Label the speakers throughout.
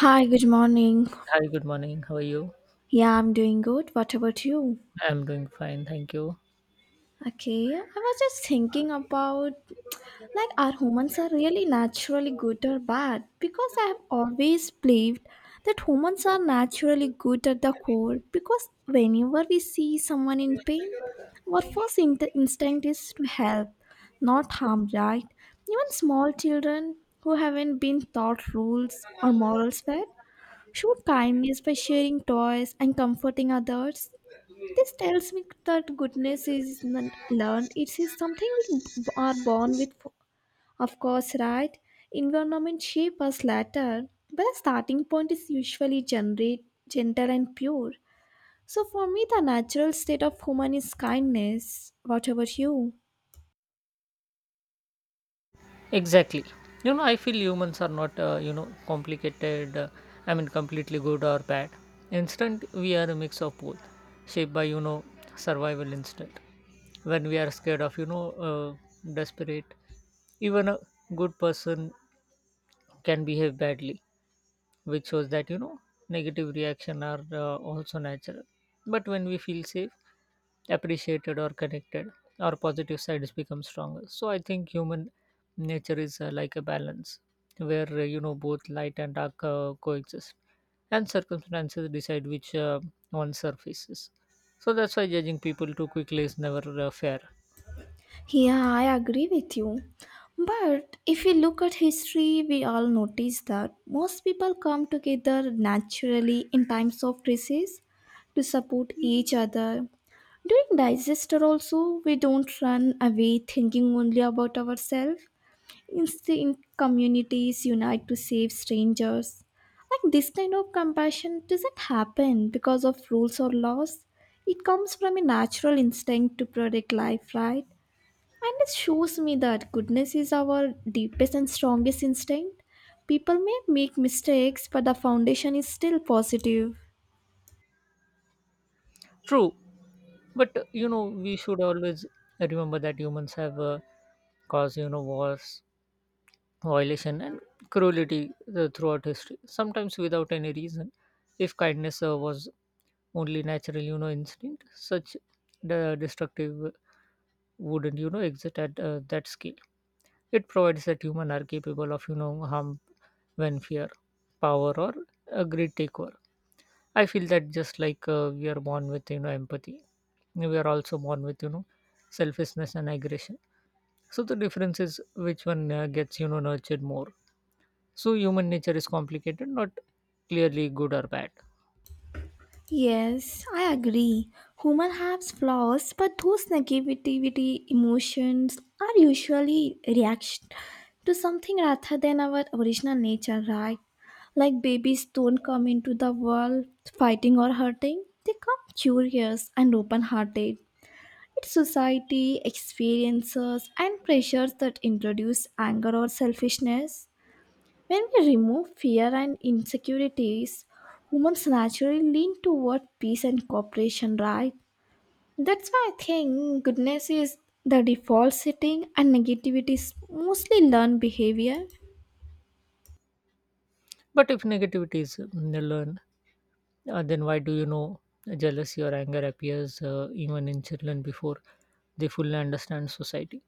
Speaker 1: Hi, good morning.
Speaker 2: Hi, good morning. How are you?
Speaker 1: Yeah, I'm doing good. What about you?
Speaker 2: I'm doing fine, thank you.
Speaker 1: Okay, I was just thinking about, like, are humans are really naturally good or bad? Because I have always believed that humans are naturally good at the core, because whenever we see someone in pain, our first instinct is to help, not harm, right? Even small children who haven't been taught rules or morals well show kindness by sharing toys and comforting others. This tells me that goodness is not learned, it is something we are born with, of course, right? Environment shape us later, but the starting point is usually gentle and pure. So for me, the natural state of human is kindness. What about you?
Speaker 2: Exactly. You know, I feel humans are not, complicated. I mean, completely good or bad. Instant, we are a mix of both, shaped by, survival instinct. When we are scared of, desperate, even a good person can behave badly, which shows that negative reaction are also natural. But when we feel safe, appreciated, or connected, our positive sides become stronger. So I think human nature is like a balance where both light and dark coexist, and circumstances decide which one surfaces. So that's why judging people too quickly is never fair.
Speaker 1: Yeah, I agree with you. But if we look at history, we all notice that most people come together naturally in times of crisis to support each other. During disaster, also, we don't run away thinking only about ourselves. Instead, communities unite to save strangers. Like, this kind of compassion doesn't happen because of rules or laws. It comes from a natural instinct to protect life, right? And it shows me that goodness is our deepest and strongest instinct. People may make mistakes, but the foundation is still positive.
Speaker 2: True. But we should always remember that humans have caused wars, violation, and cruelty throughout history, sometimes without any reason. If kindness was only natural instinct, such the destructive wouldn't exist at that scale. It provides that human are capable of harm when fear, power, or a greed take over. I feel that just like we are born with empathy, we are also born with selfishness and aggression. So the difference is which one gets nurtured more. So human nature is complicated, not clearly good or bad.
Speaker 1: Yes, I agree. Human has flaws, but those negativity emotions are usually reaction to something rather than our original nature, right? Like, babies don't come into the world fighting or hurting. They come curious and open hearted. It's society, experiences, and pressures that introduce anger or selfishness. When we remove fear and insecurities, humans naturally lean toward peace and cooperation, right? That's why I think goodness is the default setting and negativity is mostly learned behavior.
Speaker 2: But if negativity is learned, then why do jealousy or anger appears even in children before they fully understand society?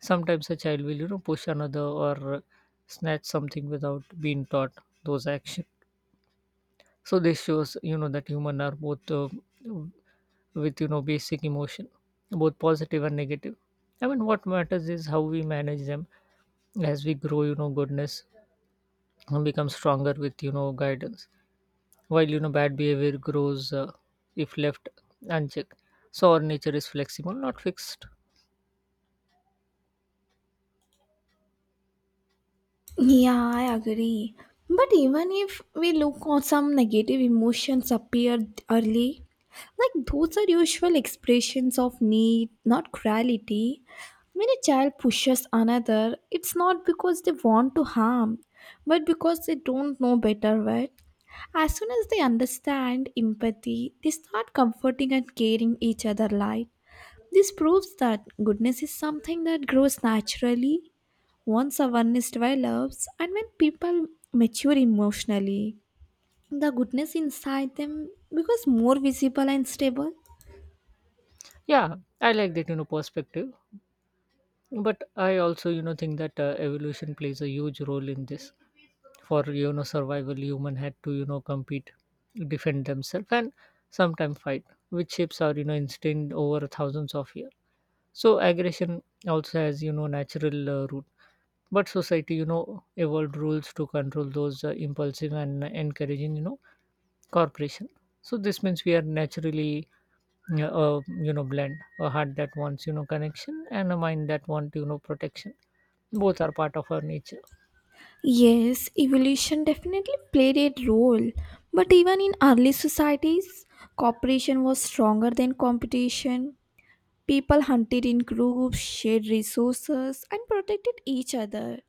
Speaker 2: Sometimes a child will, push another or snatch something without being taught those actions. So this shows, that human are both, with, basic emotion, both positive and negative. I mean, what matters is how we manage them as we grow, goodness and become stronger with guidance, while bad behavior grows if left unchecked. So our nature is flexible, not fixed.
Speaker 1: Yeah, I agree. But even if we look on, some negative emotions appear early, like, those are usual expressions of need, not cruelty. When a child pushes another, it's not because they want to harm, but because they don't know better, right? As soon as they understand empathy, they start comforting and caring each other, like. This proves that goodness is something that grows naturally once a one is why loves, and when people mature emotionally, the goodness inside them becomes more visible and stable.
Speaker 2: Yeah, I like that perspective. But I also think that evolution plays a huge role in this. For survival, human had to compete, defend themselves, and sometimes fight, which shapes our instinct over thousands of years. So aggression also has natural roots. But society evolved rules to control those impulsive and encouraging corporation. So this means we are naturally, blend a heart that wants connection and a mind that want protection. Both are part of our nature.
Speaker 1: Yes, evolution definitely played a role, but even in early societies, cooperation was stronger than competition. People hunted in groups, shared resources, and protected each other.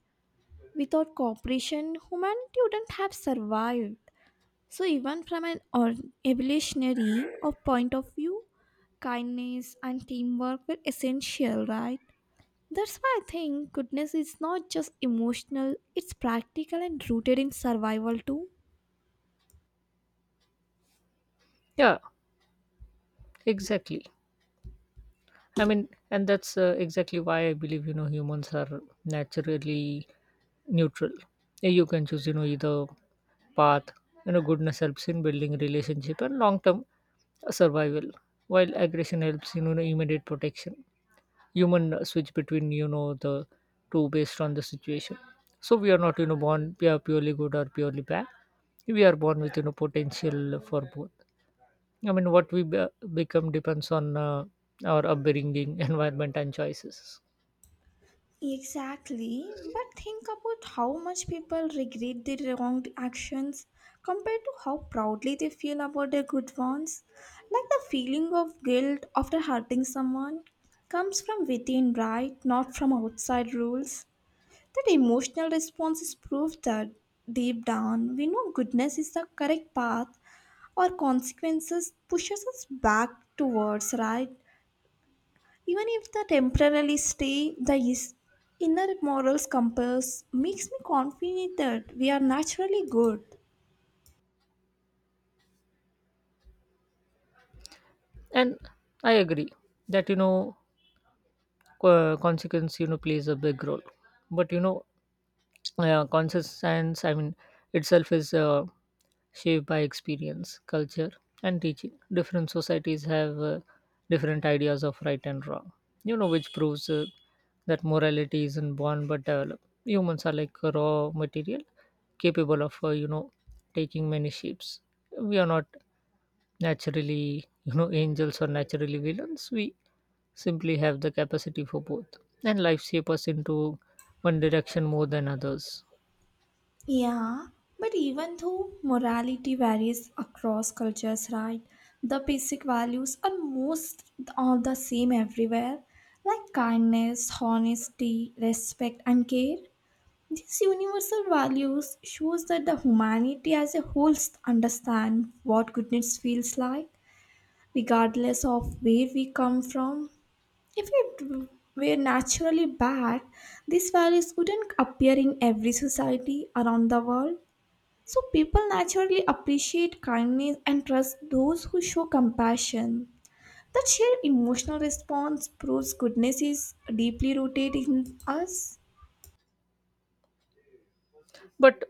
Speaker 1: Without cooperation, humanity wouldn't have survived. So even from an evolutionary of point of view, kindness and teamwork were essential, right? That's why I think goodness is not just emotional, it's practical and rooted in survival too.
Speaker 2: Yeah, exactly. I mean, and that's exactly why I believe humans are naturally neutral. Yeah, you can choose, either path. Goodness helps in building relationship and long-term survival, while aggression helps in, immediate protection. Human switch between the two based on the situation. So we are not born, we are purely good or purely bad. We are born with potential for both. I mean, what we become depends on our upbringing, environment, and choices.
Speaker 1: Exactly, but think about how much people regret their wrong actions compared to how proudly they feel about their good ones. Like, the feeling of guilt after hurting someone comes from within, right? Not from outside rules. That emotional response is proof that deep down we know goodness is the correct path. Our consequences pushes us back towards right, even if the temporarily stay. The inner morals compass makes me confident that we are naturally good.
Speaker 2: And I agree that consequence plays a big role. But conscience, I mean, itself is shaped by experience, culture, and teaching. Different societies have different ideas of right and wrong, which proves that morality isn't born but developed. Humans are like a raw material capable of, taking many shapes. We are not naturally angels are naturally villains. We simply have the capacity for both, and life shapes us into one direction more than others.
Speaker 1: Yeah, but even though morality varies across cultures, right? The basic values are most all the same everywhere, like kindness, honesty, respect, and care. These universal values shows that the humanity as a whole understand what goodness feels like, regardless of where we come from. If it were naturally bad, these values wouldn't appear in every society around the world. So people naturally appreciate kindness and trust those who show compassion. That shared emotional response proves goodness is deeply rooted in us.
Speaker 2: But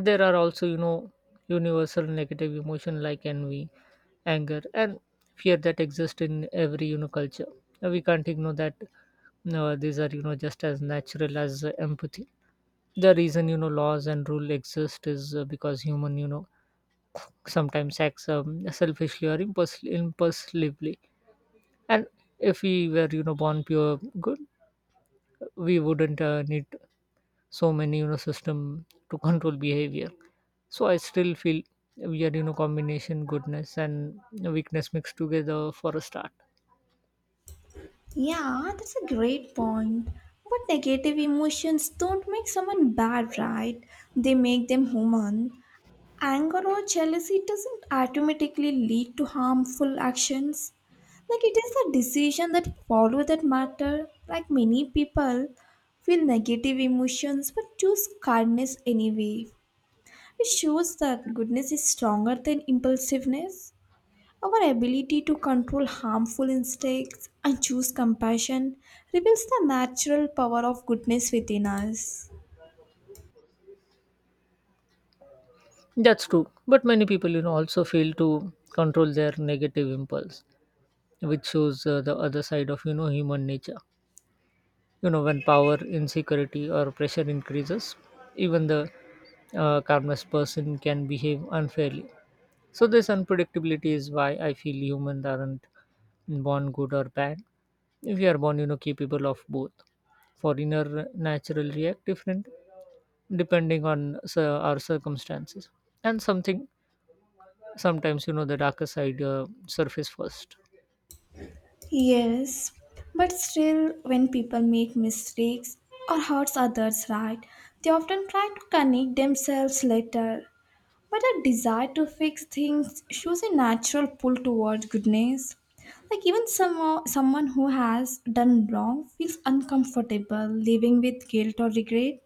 Speaker 2: there are also universal negative emotion like envy, anger, and fear that exist in every culture. We can't ignore that, no, these are just as natural as empathy. The reason laws and rule exist is because human sometimes acts, selfishly or impulsively. And if we were, born pure good, we wouldn't need so many, system to control behavior. So I still feel we are, combination goodness and weakness mixed together for a start.
Speaker 1: Yeah, that's a great point. But negative emotions don't make someone bad, right? They make them human. Anger or jealousy doesn't automatically lead to harmful actions, like, it is the decision that follow that matter. Like, many people feel negative emotions but choose kindness anyway. It shows that goodness is stronger than impulsiveness. Our ability to control harmful instincts and choose compassion reveals the natural power of goodness within us.
Speaker 2: That's true. But many people, also fail to control their negative impulse, which shows the other side of, human nature. You know, when power, insecurity, or pressure increases, even the calmness person can behave unfairly. So this unpredictability is why I feel humans aren't born good or bad. We are born, capable of both. Foreigner natural react different depending on our circumstances, and something sometimes the darker side surface first.
Speaker 1: Yes, but still, when people make mistakes or hurts others, right, they often try to connect themselves later. But a desire to fix things shows a natural pull towards goodness. Like, even someone who has done wrong feels uncomfortable living with guilt or regret.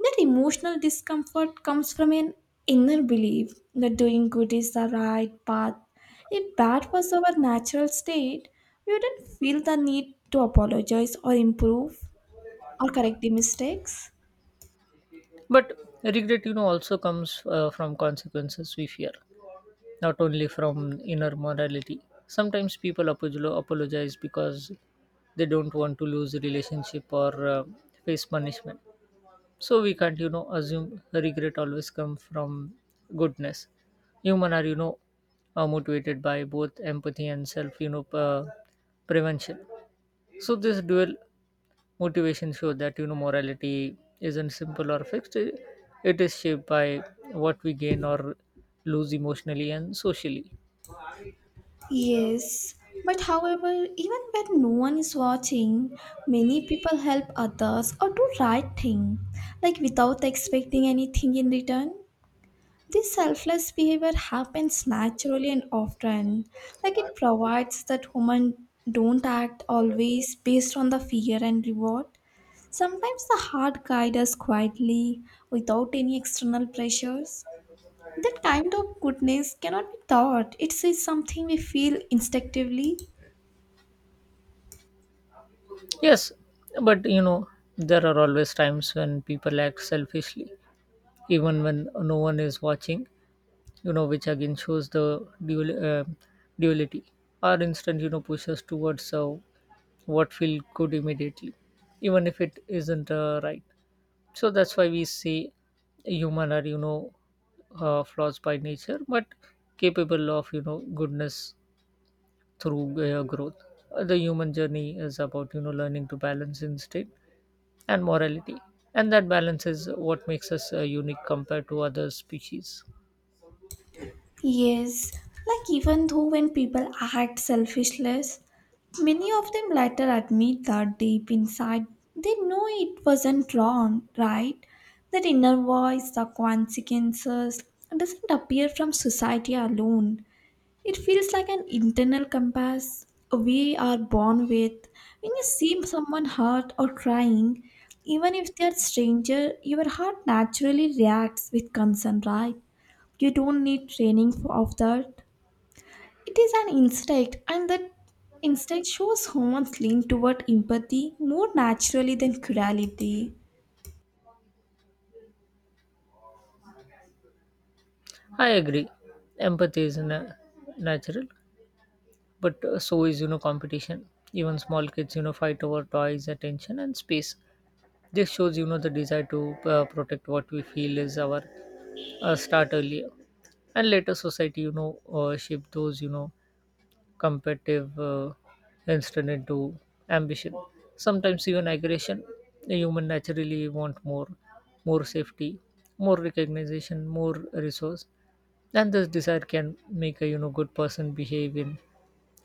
Speaker 1: That emotional discomfort comes from an inner belief that doing good is the right path. If that was our natural state, we wouldn't feel the need to apologize or improve or correct the mistakes.
Speaker 2: But regret, also comes from consequences we fear, not only from inner morality. Sometimes people apologize because they don't want to lose a relationship or face punishment. So we can't, assume regret always comes from goodness. Human are motivated by both empathy and self, prevention. So this dual motivation show that morality isn't simple or fixed. It is shaped by what we gain or lose emotionally and socially.
Speaker 1: Yes, but however, even when no one is watching, many people help others or do right thing, like, without expecting anything in return. This selfless behavior happens naturally and often. Like, it provides that women don't act always based on the fear and reward. Sometimes the heart guides us quietly without any external pressures. That kind of goodness cannot be taught. It's something we feel instinctively.
Speaker 2: Yes, but there are always times when people act selfishly, even when no one is watching, which again shows the duality. Our instinct, pushes towards what feels good immediately, even if it isn't right. So that's why we say human are, flaws by nature, but capable of, goodness through growth. The human journey is about, learning to balance instinct and morality, and that balance is what makes us unique compared to other species.
Speaker 1: Yes, like, even though when people act selfishless, many of them later admit that deep inside they know it wasn't wrong, right? That inner voice, the consequences, doesn't appear from society alone. It feels like an internal compass we are born with. When you see someone hurt or crying, even if they are stranger, your heart naturally reacts with concern, right? You don't need training for of that. It is an instinct, and that instinct shows humans lean toward empathy more naturally than cruelty.
Speaker 2: I agree. Empathy is natural. But so is competition. Even small kids fight over toys, attention, and space. This shows the desire to protect what we feel is our start earlier. And later society, shape those competitive instinct into ambition, sometimes even aggression. The human naturally want more, more safety, more recognition, more resource, and this desire can make a good person behave in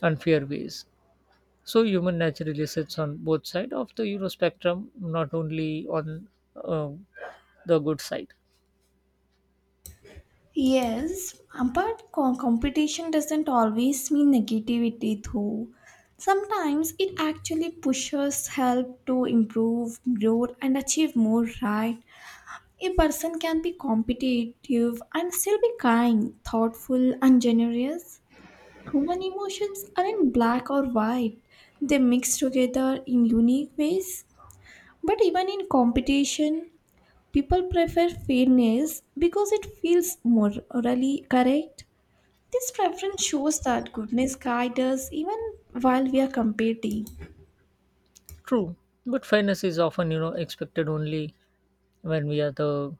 Speaker 2: unfair ways. So human naturally sits on both side of the spectrum, not only on uh, the good side.
Speaker 1: Yes, but competition doesn't always mean negativity, though. Sometimes it actually pushes help to improve, grow, and achieve more, right? A person can be competitive and still be kind, thoughtful, and generous. Human emotions aren't black or white, they mix together in unique ways. But even in competition, people prefer fairness because it feels morally correct. This preference shows that goodness guides us even while we are competing.
Speaker 2: True, but fairness is often expected only when we are the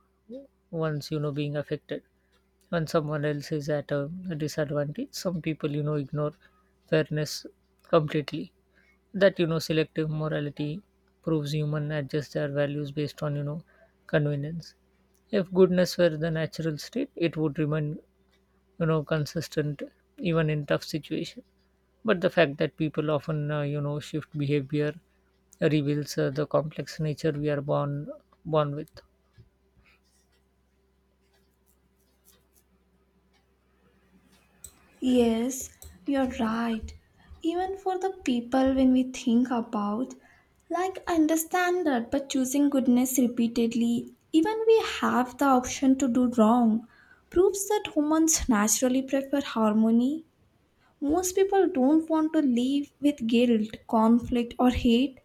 Speaker 2: ones being affected. When someone else is at a disadvantage, some people ignore fairness completely. That selective morality proves human adjust their values based on convenience. If goodness were the natural state, it would remain consistent even in tough situations. But the fact that people often, shift behavior reveals the complex nature we are born with.
Speaker 1: Yes, you're right. Even for the people when we think about, like, I understand that, but choosing goodness repeatedly, even we have the option to do wrong, proves that humans naturally prefer harmony. Most people don't want to live with guilt, conflict, or hate.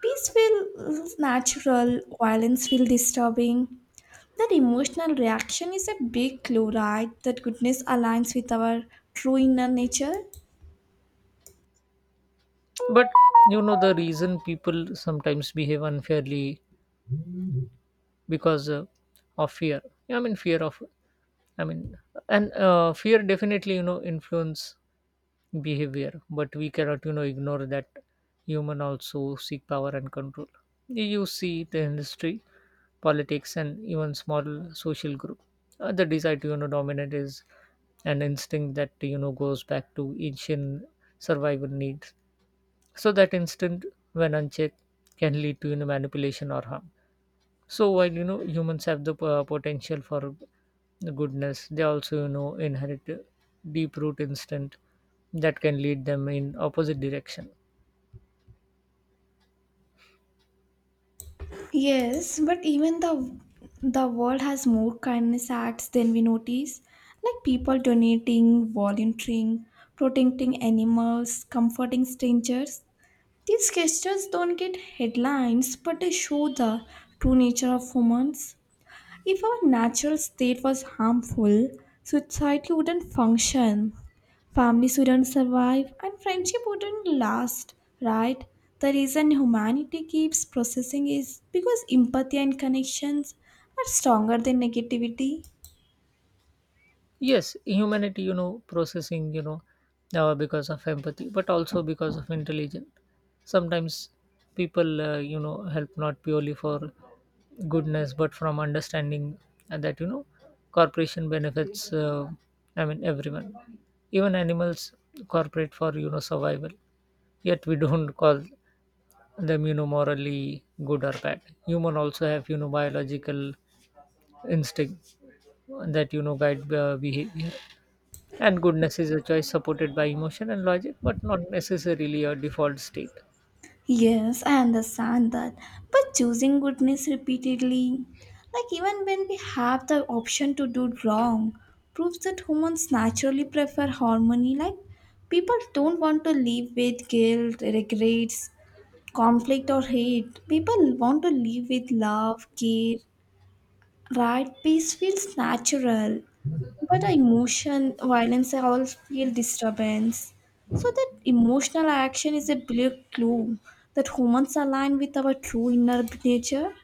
Speaker 1: Peace feels natural, violence feels disturbing. That emotional reaction is a big clue, right? That goodness aligns with our true inner nature.
Speaker 2: But the reason people sometimes behave unfairly, because of fear. Yeah, I mean fear of, I mean, and, fear definitely influence behavior. But we cannot ignore that human also seek power and control. You see the industry, politics, and even small social group, the desire to dominate is an instinct that goes back to ancient survival needs. So that instant, when unchecked, can lead to, manipulation or harm. So while humans have the potential for goodness, they also inherit deep root instinct that can lead them in opposite direction.
Speaker 1: Yes, but even the world has more kindness acts than we notice, like people donating, volunteering, protecting animals, comforting strangers. These gestures don't get headlines, but they show the true nature of humans. If our natural state was harmful, society wouldn't function, families wouldn't survive, and friendship wouldn't last, right? The reason humanity keeps processing is because empathy and connections are stronger than negativity.
Speaker 2: Yes, humanity processing, because of empathy, but also because of intelligence. Sometimes people, help not purely for goodness, but from understanding that corporation benefits. I mean, everyone, even animals cooperate for survival. Yet we don't call them morally good or bad. Human also have biological instinct that guide behavior. And goodness is a choice supported by emotion and logic, but not necessarily a default state.
Speaker 1: Yes, I understand that. But choosing goodness repeatedly, like, even when we have the option to do wrong, proves that humans naturally prefer harmony. Like, people don't want to live with guilt, regrets, conflict, or hate. People want to live with love, care. Right, peace feels natural, but the emotion, violence, I always feel disturbance. So that emotional action is a big clue that humans align with our true inner nature.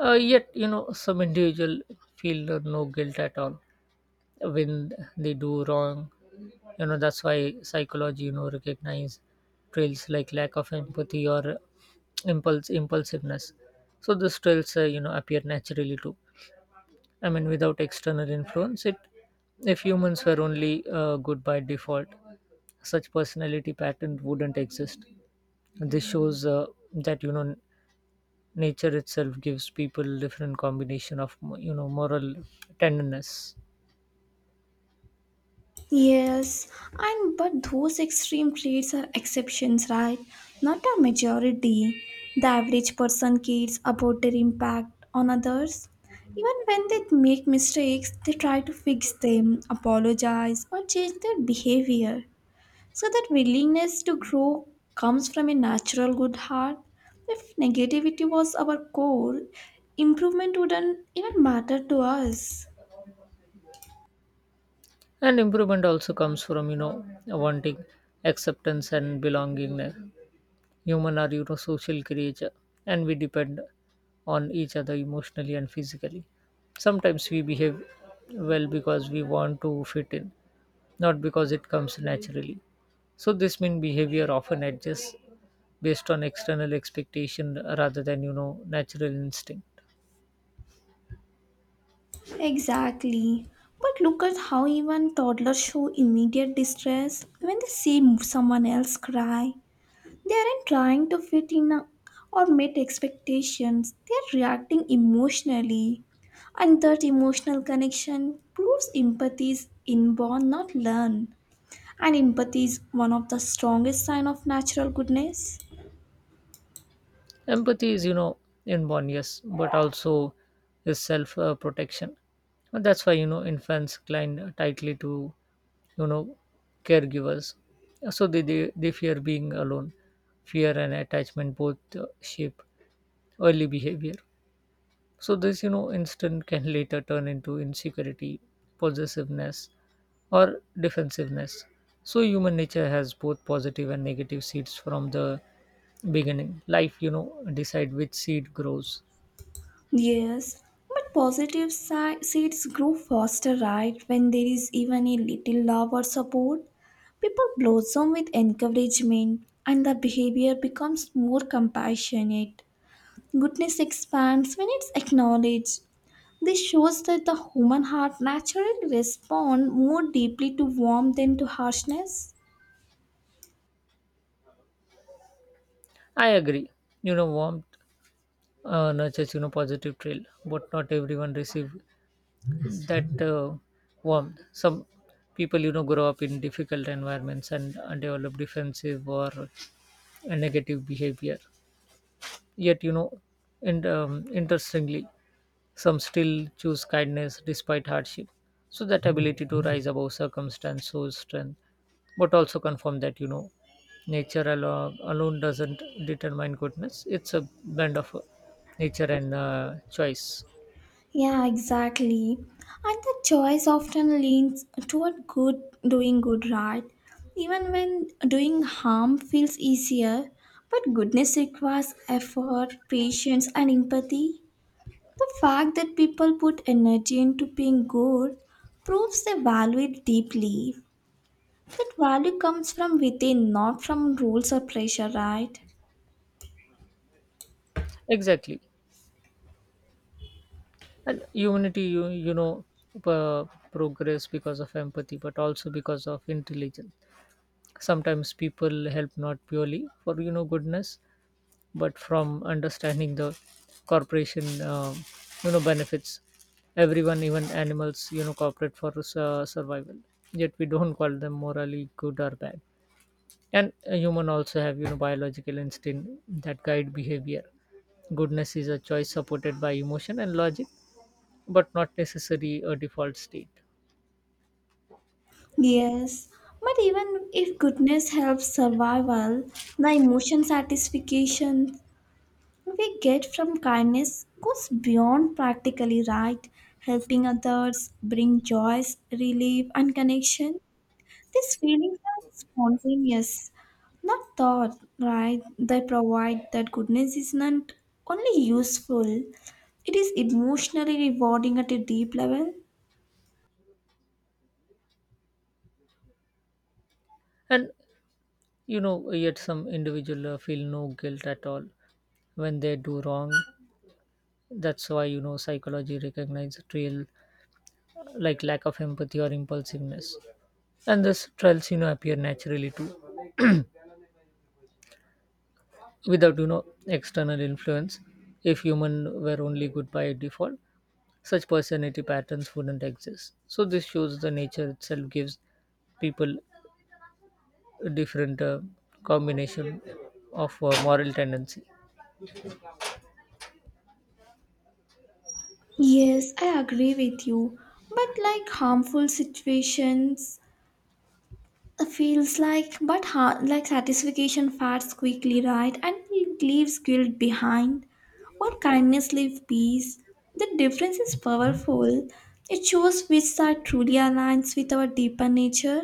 Speaker 2: Yet, some individual feel no guilt at all when they do wrong. That's why psychology recognize trails like lack of empathy or impulse impulsiveness. So these trails, appear naturally too. I mean, without external influence, it if humans were only good by default, such personality pattern wouldn't exist. This shows that nature itself gives people different combination of moral tenderness.
Speaker 1: Yes, and but those extreme traits are exceptions, right? Not a majority. The average person cares about their impact on others. Even when they make mistakes, they try to fix them, apologize, or change their behavior. So that willingness to grow comes from a natural good heart. If negativity was our core, improvement wouldn't even matter to us.
Speaker 2: And improvement also comes from wanting acceptance and belonging. Human are social creature, and we depend on each other emotionally and physically. Sometimes we behave well because we want to fit in, not because it comes naturally. So this means behavior often adjusts based on external expectation rather than natural instinct.
Speaker 1: Exactly. But look at how even toddlers show immediate distress when they see someone else cry. They aren't trying to fit in, or meet expectations, they are reacting emotionally. And that emotional connection proves empathy is inborn, not learned. And empathy is one of the strongest sign of natural goodness.
Speaker 2: Empathy is inborn, yes, but also is self protection. And that's why, you know, infants cling tightly to, you know, caregivers, so they fear being alone. Fear and attachment both shape early behavior. So this, you know, instant can later turn into insecurity, possessiveness, or defensiveness. So human nature has both positive and negative seeds from the beginning. Life, decide which seed grows.
Speaker 1: Yes, but positive seeds grow faster, right? When there is even a little love or support, people blossom with encouragement and the behavior becomes more compassionate. Goodness expands when it's acknowledged. This shows that the human heart naturally responds more deeply to warmth than to harshness.
Speaker 2: I agree, you know, warmth nurtures, you know, positive trail, but not everyone receive that warm. Some people, grow up in difficult environments, and develop defensive or negative behavior. Yet, and interestingly, some still choose kindness despite hardship. So that ability to rise above circumstance shows strength, but also confirm that, nature alone doesn't determine goodness. It's a blend of nature and choice.
Speaker 1: Yeah, exactly. And the choice often leans toward good, doing good, right? Even when doing harm feels easier, but goodness requires effort, patience, and empathy. The fact that people put energy into being good proves they value it deeply. That value comes from within, not from rules or pressure, right?
Speaker 2: Exactly, and humanity, you know, progress because of empathy, but also because of intelligence. Sometimes people help not purely for, you know, goodness, but from understanding the corporation benefits everyone. Even animals, you know, cooperate for survival, yet we don't call them morally good or bad. And a human also have, you know, biological instinct that guide behavior. Goodness is a choice supported by emotion and logic, but not necessary a default state.
Speaker 1: Yes, but even if goodness helps survival, the emotion satisfaction we get from kindness goes beyond practically right. Helping others bring joys, relief, and connection. These feelings are spontaneous, not thought, right? They provide that goodness is not only useful, it is emotionally rewarding at a deep level.
Speaker 2: And, you know, yet some individual feel no guilt at all when they do wrong. That's why, you know, psychology recognizes trail like lack of empathy or impulsiveness, and these trails, you know, appear naturally too. Without, you know, external influence, if human were only good by default, such personality patterns wouldn't exist. So this shows the nature itself gives people different combination of moral tendency.
Speaker 1: Yes, I agree with you. But, like, harmful situations feels like, but like satisfaction fades quickly, right? And it leaves guilt behind. While kindness leaves peace. The difference is powerful. It shows which side truly aligns with our deeper nature.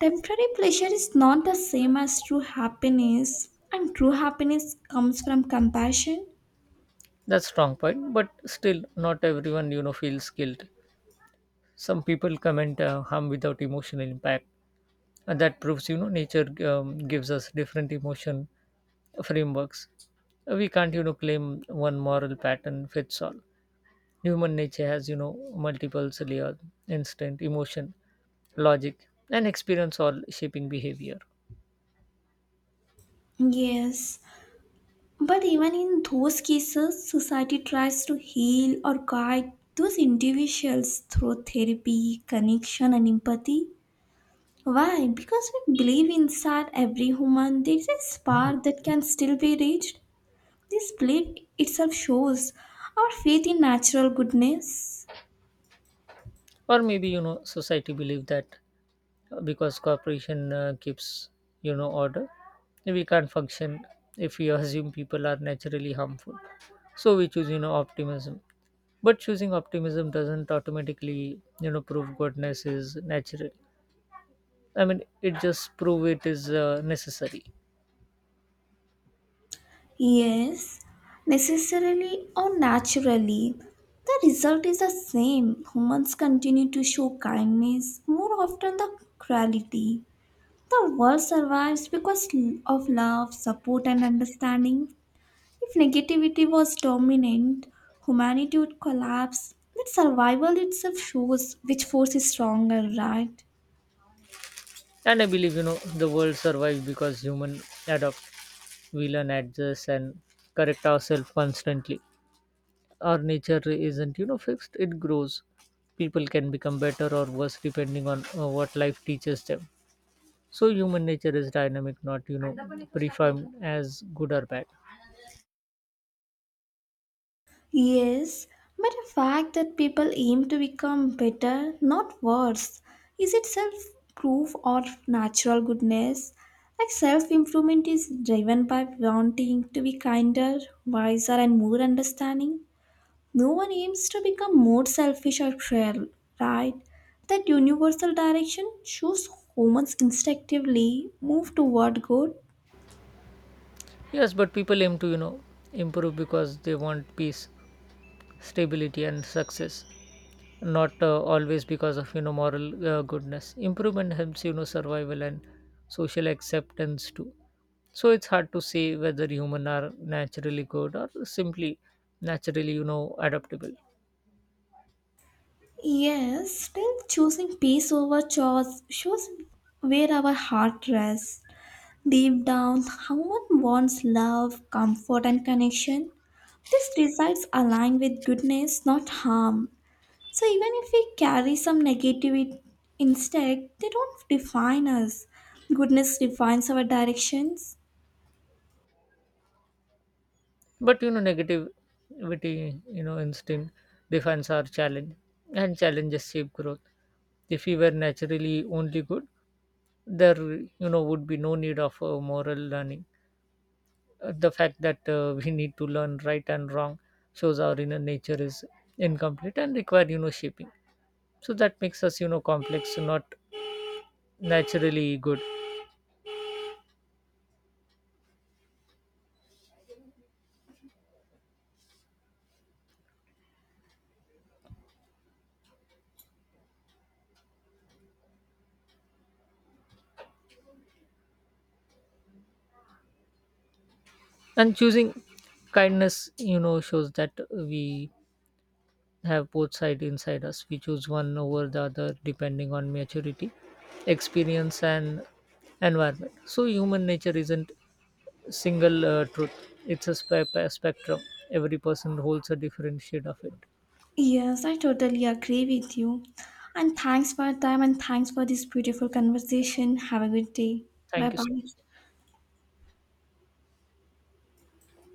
Speaker 1: Temporary pleasure is not the same as true happiness, and true happiness comes from compassion.
Speaker 2: That's strong point, but still not everyone, you know, feels guilt. Some people comment harm without emotional impact, and that proves, you know, nature gives us different emotion frameworks. We can't, you know, claim one moral pattern fits all. Human nature has, you know, multiple layers: instinct, emotion, logic, and experience all shaping behavior.
Speaker 1: Yes. But even in those cases, society tries to heal or guide those individuals through therapy, connection, and empathy. Why? Because we believe inside every human there is a spark that can still be reached. This belief itself shows our faith in natural goodness.
Speaker 2: Or maybe, you know, society believe that because corporation keeps, you know, order. We can't function if we assume people are naturally harmful, so we choose, you know, optimism. But choosing optimism doesn't automatically, you know, prove goodness is natural. I mean, it just prove it is necessary.
Speaker 1: Yes, necessarily or naturally. The result is the same. Humans continue to show kindness more often than cruelty. The world survives because of love, support, and understanding. If negativity was dominant, humanity would collapse. But survival itself shows which force is stronger, right?
Speaker 2: And I believe, you know, the world survives because human adapt. We learn, adjust, and correct ourselves constantly. Our nature isn't, you know, fixed, it grows. People can become better or worse depending on what life teaches them. So human nature is dynamic, not, you know, predefined as good or bad.
Speaker 1: Yes, but the fact that people aim to become better, not worse, is itself proof of natural goodness. Like, self improvement is driven by wanting to be kinder, wiser, and more understanding. No one aims to become more selfish or cruel, right? That universal direction shows humans instinctively move toward good.
Speaker 2: Yes, but people aim to, you know, improve because they want peace, stability, and success, not always because of, you know, moral goodness. Improvement helps, you know, survival and social acceptance too. So it's hard to say whether human are naturally good or simply naturally, you know, adaptable.
Speaker 1: Yes, still choosing peace over chores shows where our heart rests. Deep down, someone wants love, comfort, and connection. These desires align with goodness, not harm. So even if we carry some negative instead, they don't define us. Goodness defines our directions.
Speaker 2: But, you know, negativity, you know, instinct defines our challenge, and challenges shape growth. If we were naturally only good, there, you know, would be no need of moral learning. The fact that we need to learn right and wrong shows our inner nature is incomplete and require, you know, shaping. So that makes us, you know, complex, not naturally good. And choosing kindness, you know, shows that we have both sides inside us. We choose one over the other depending on maturity, experience, and environment. So human nature isn't single truth, it's a spectrum. Every person holds a different shade of it.
Speaker 1: Yes, I totally agree with you. And thanks for your time and thanks for this beautiful conversation. Have a good day. Bye
Speaker 2: Thank you so
Speaker 1: bye.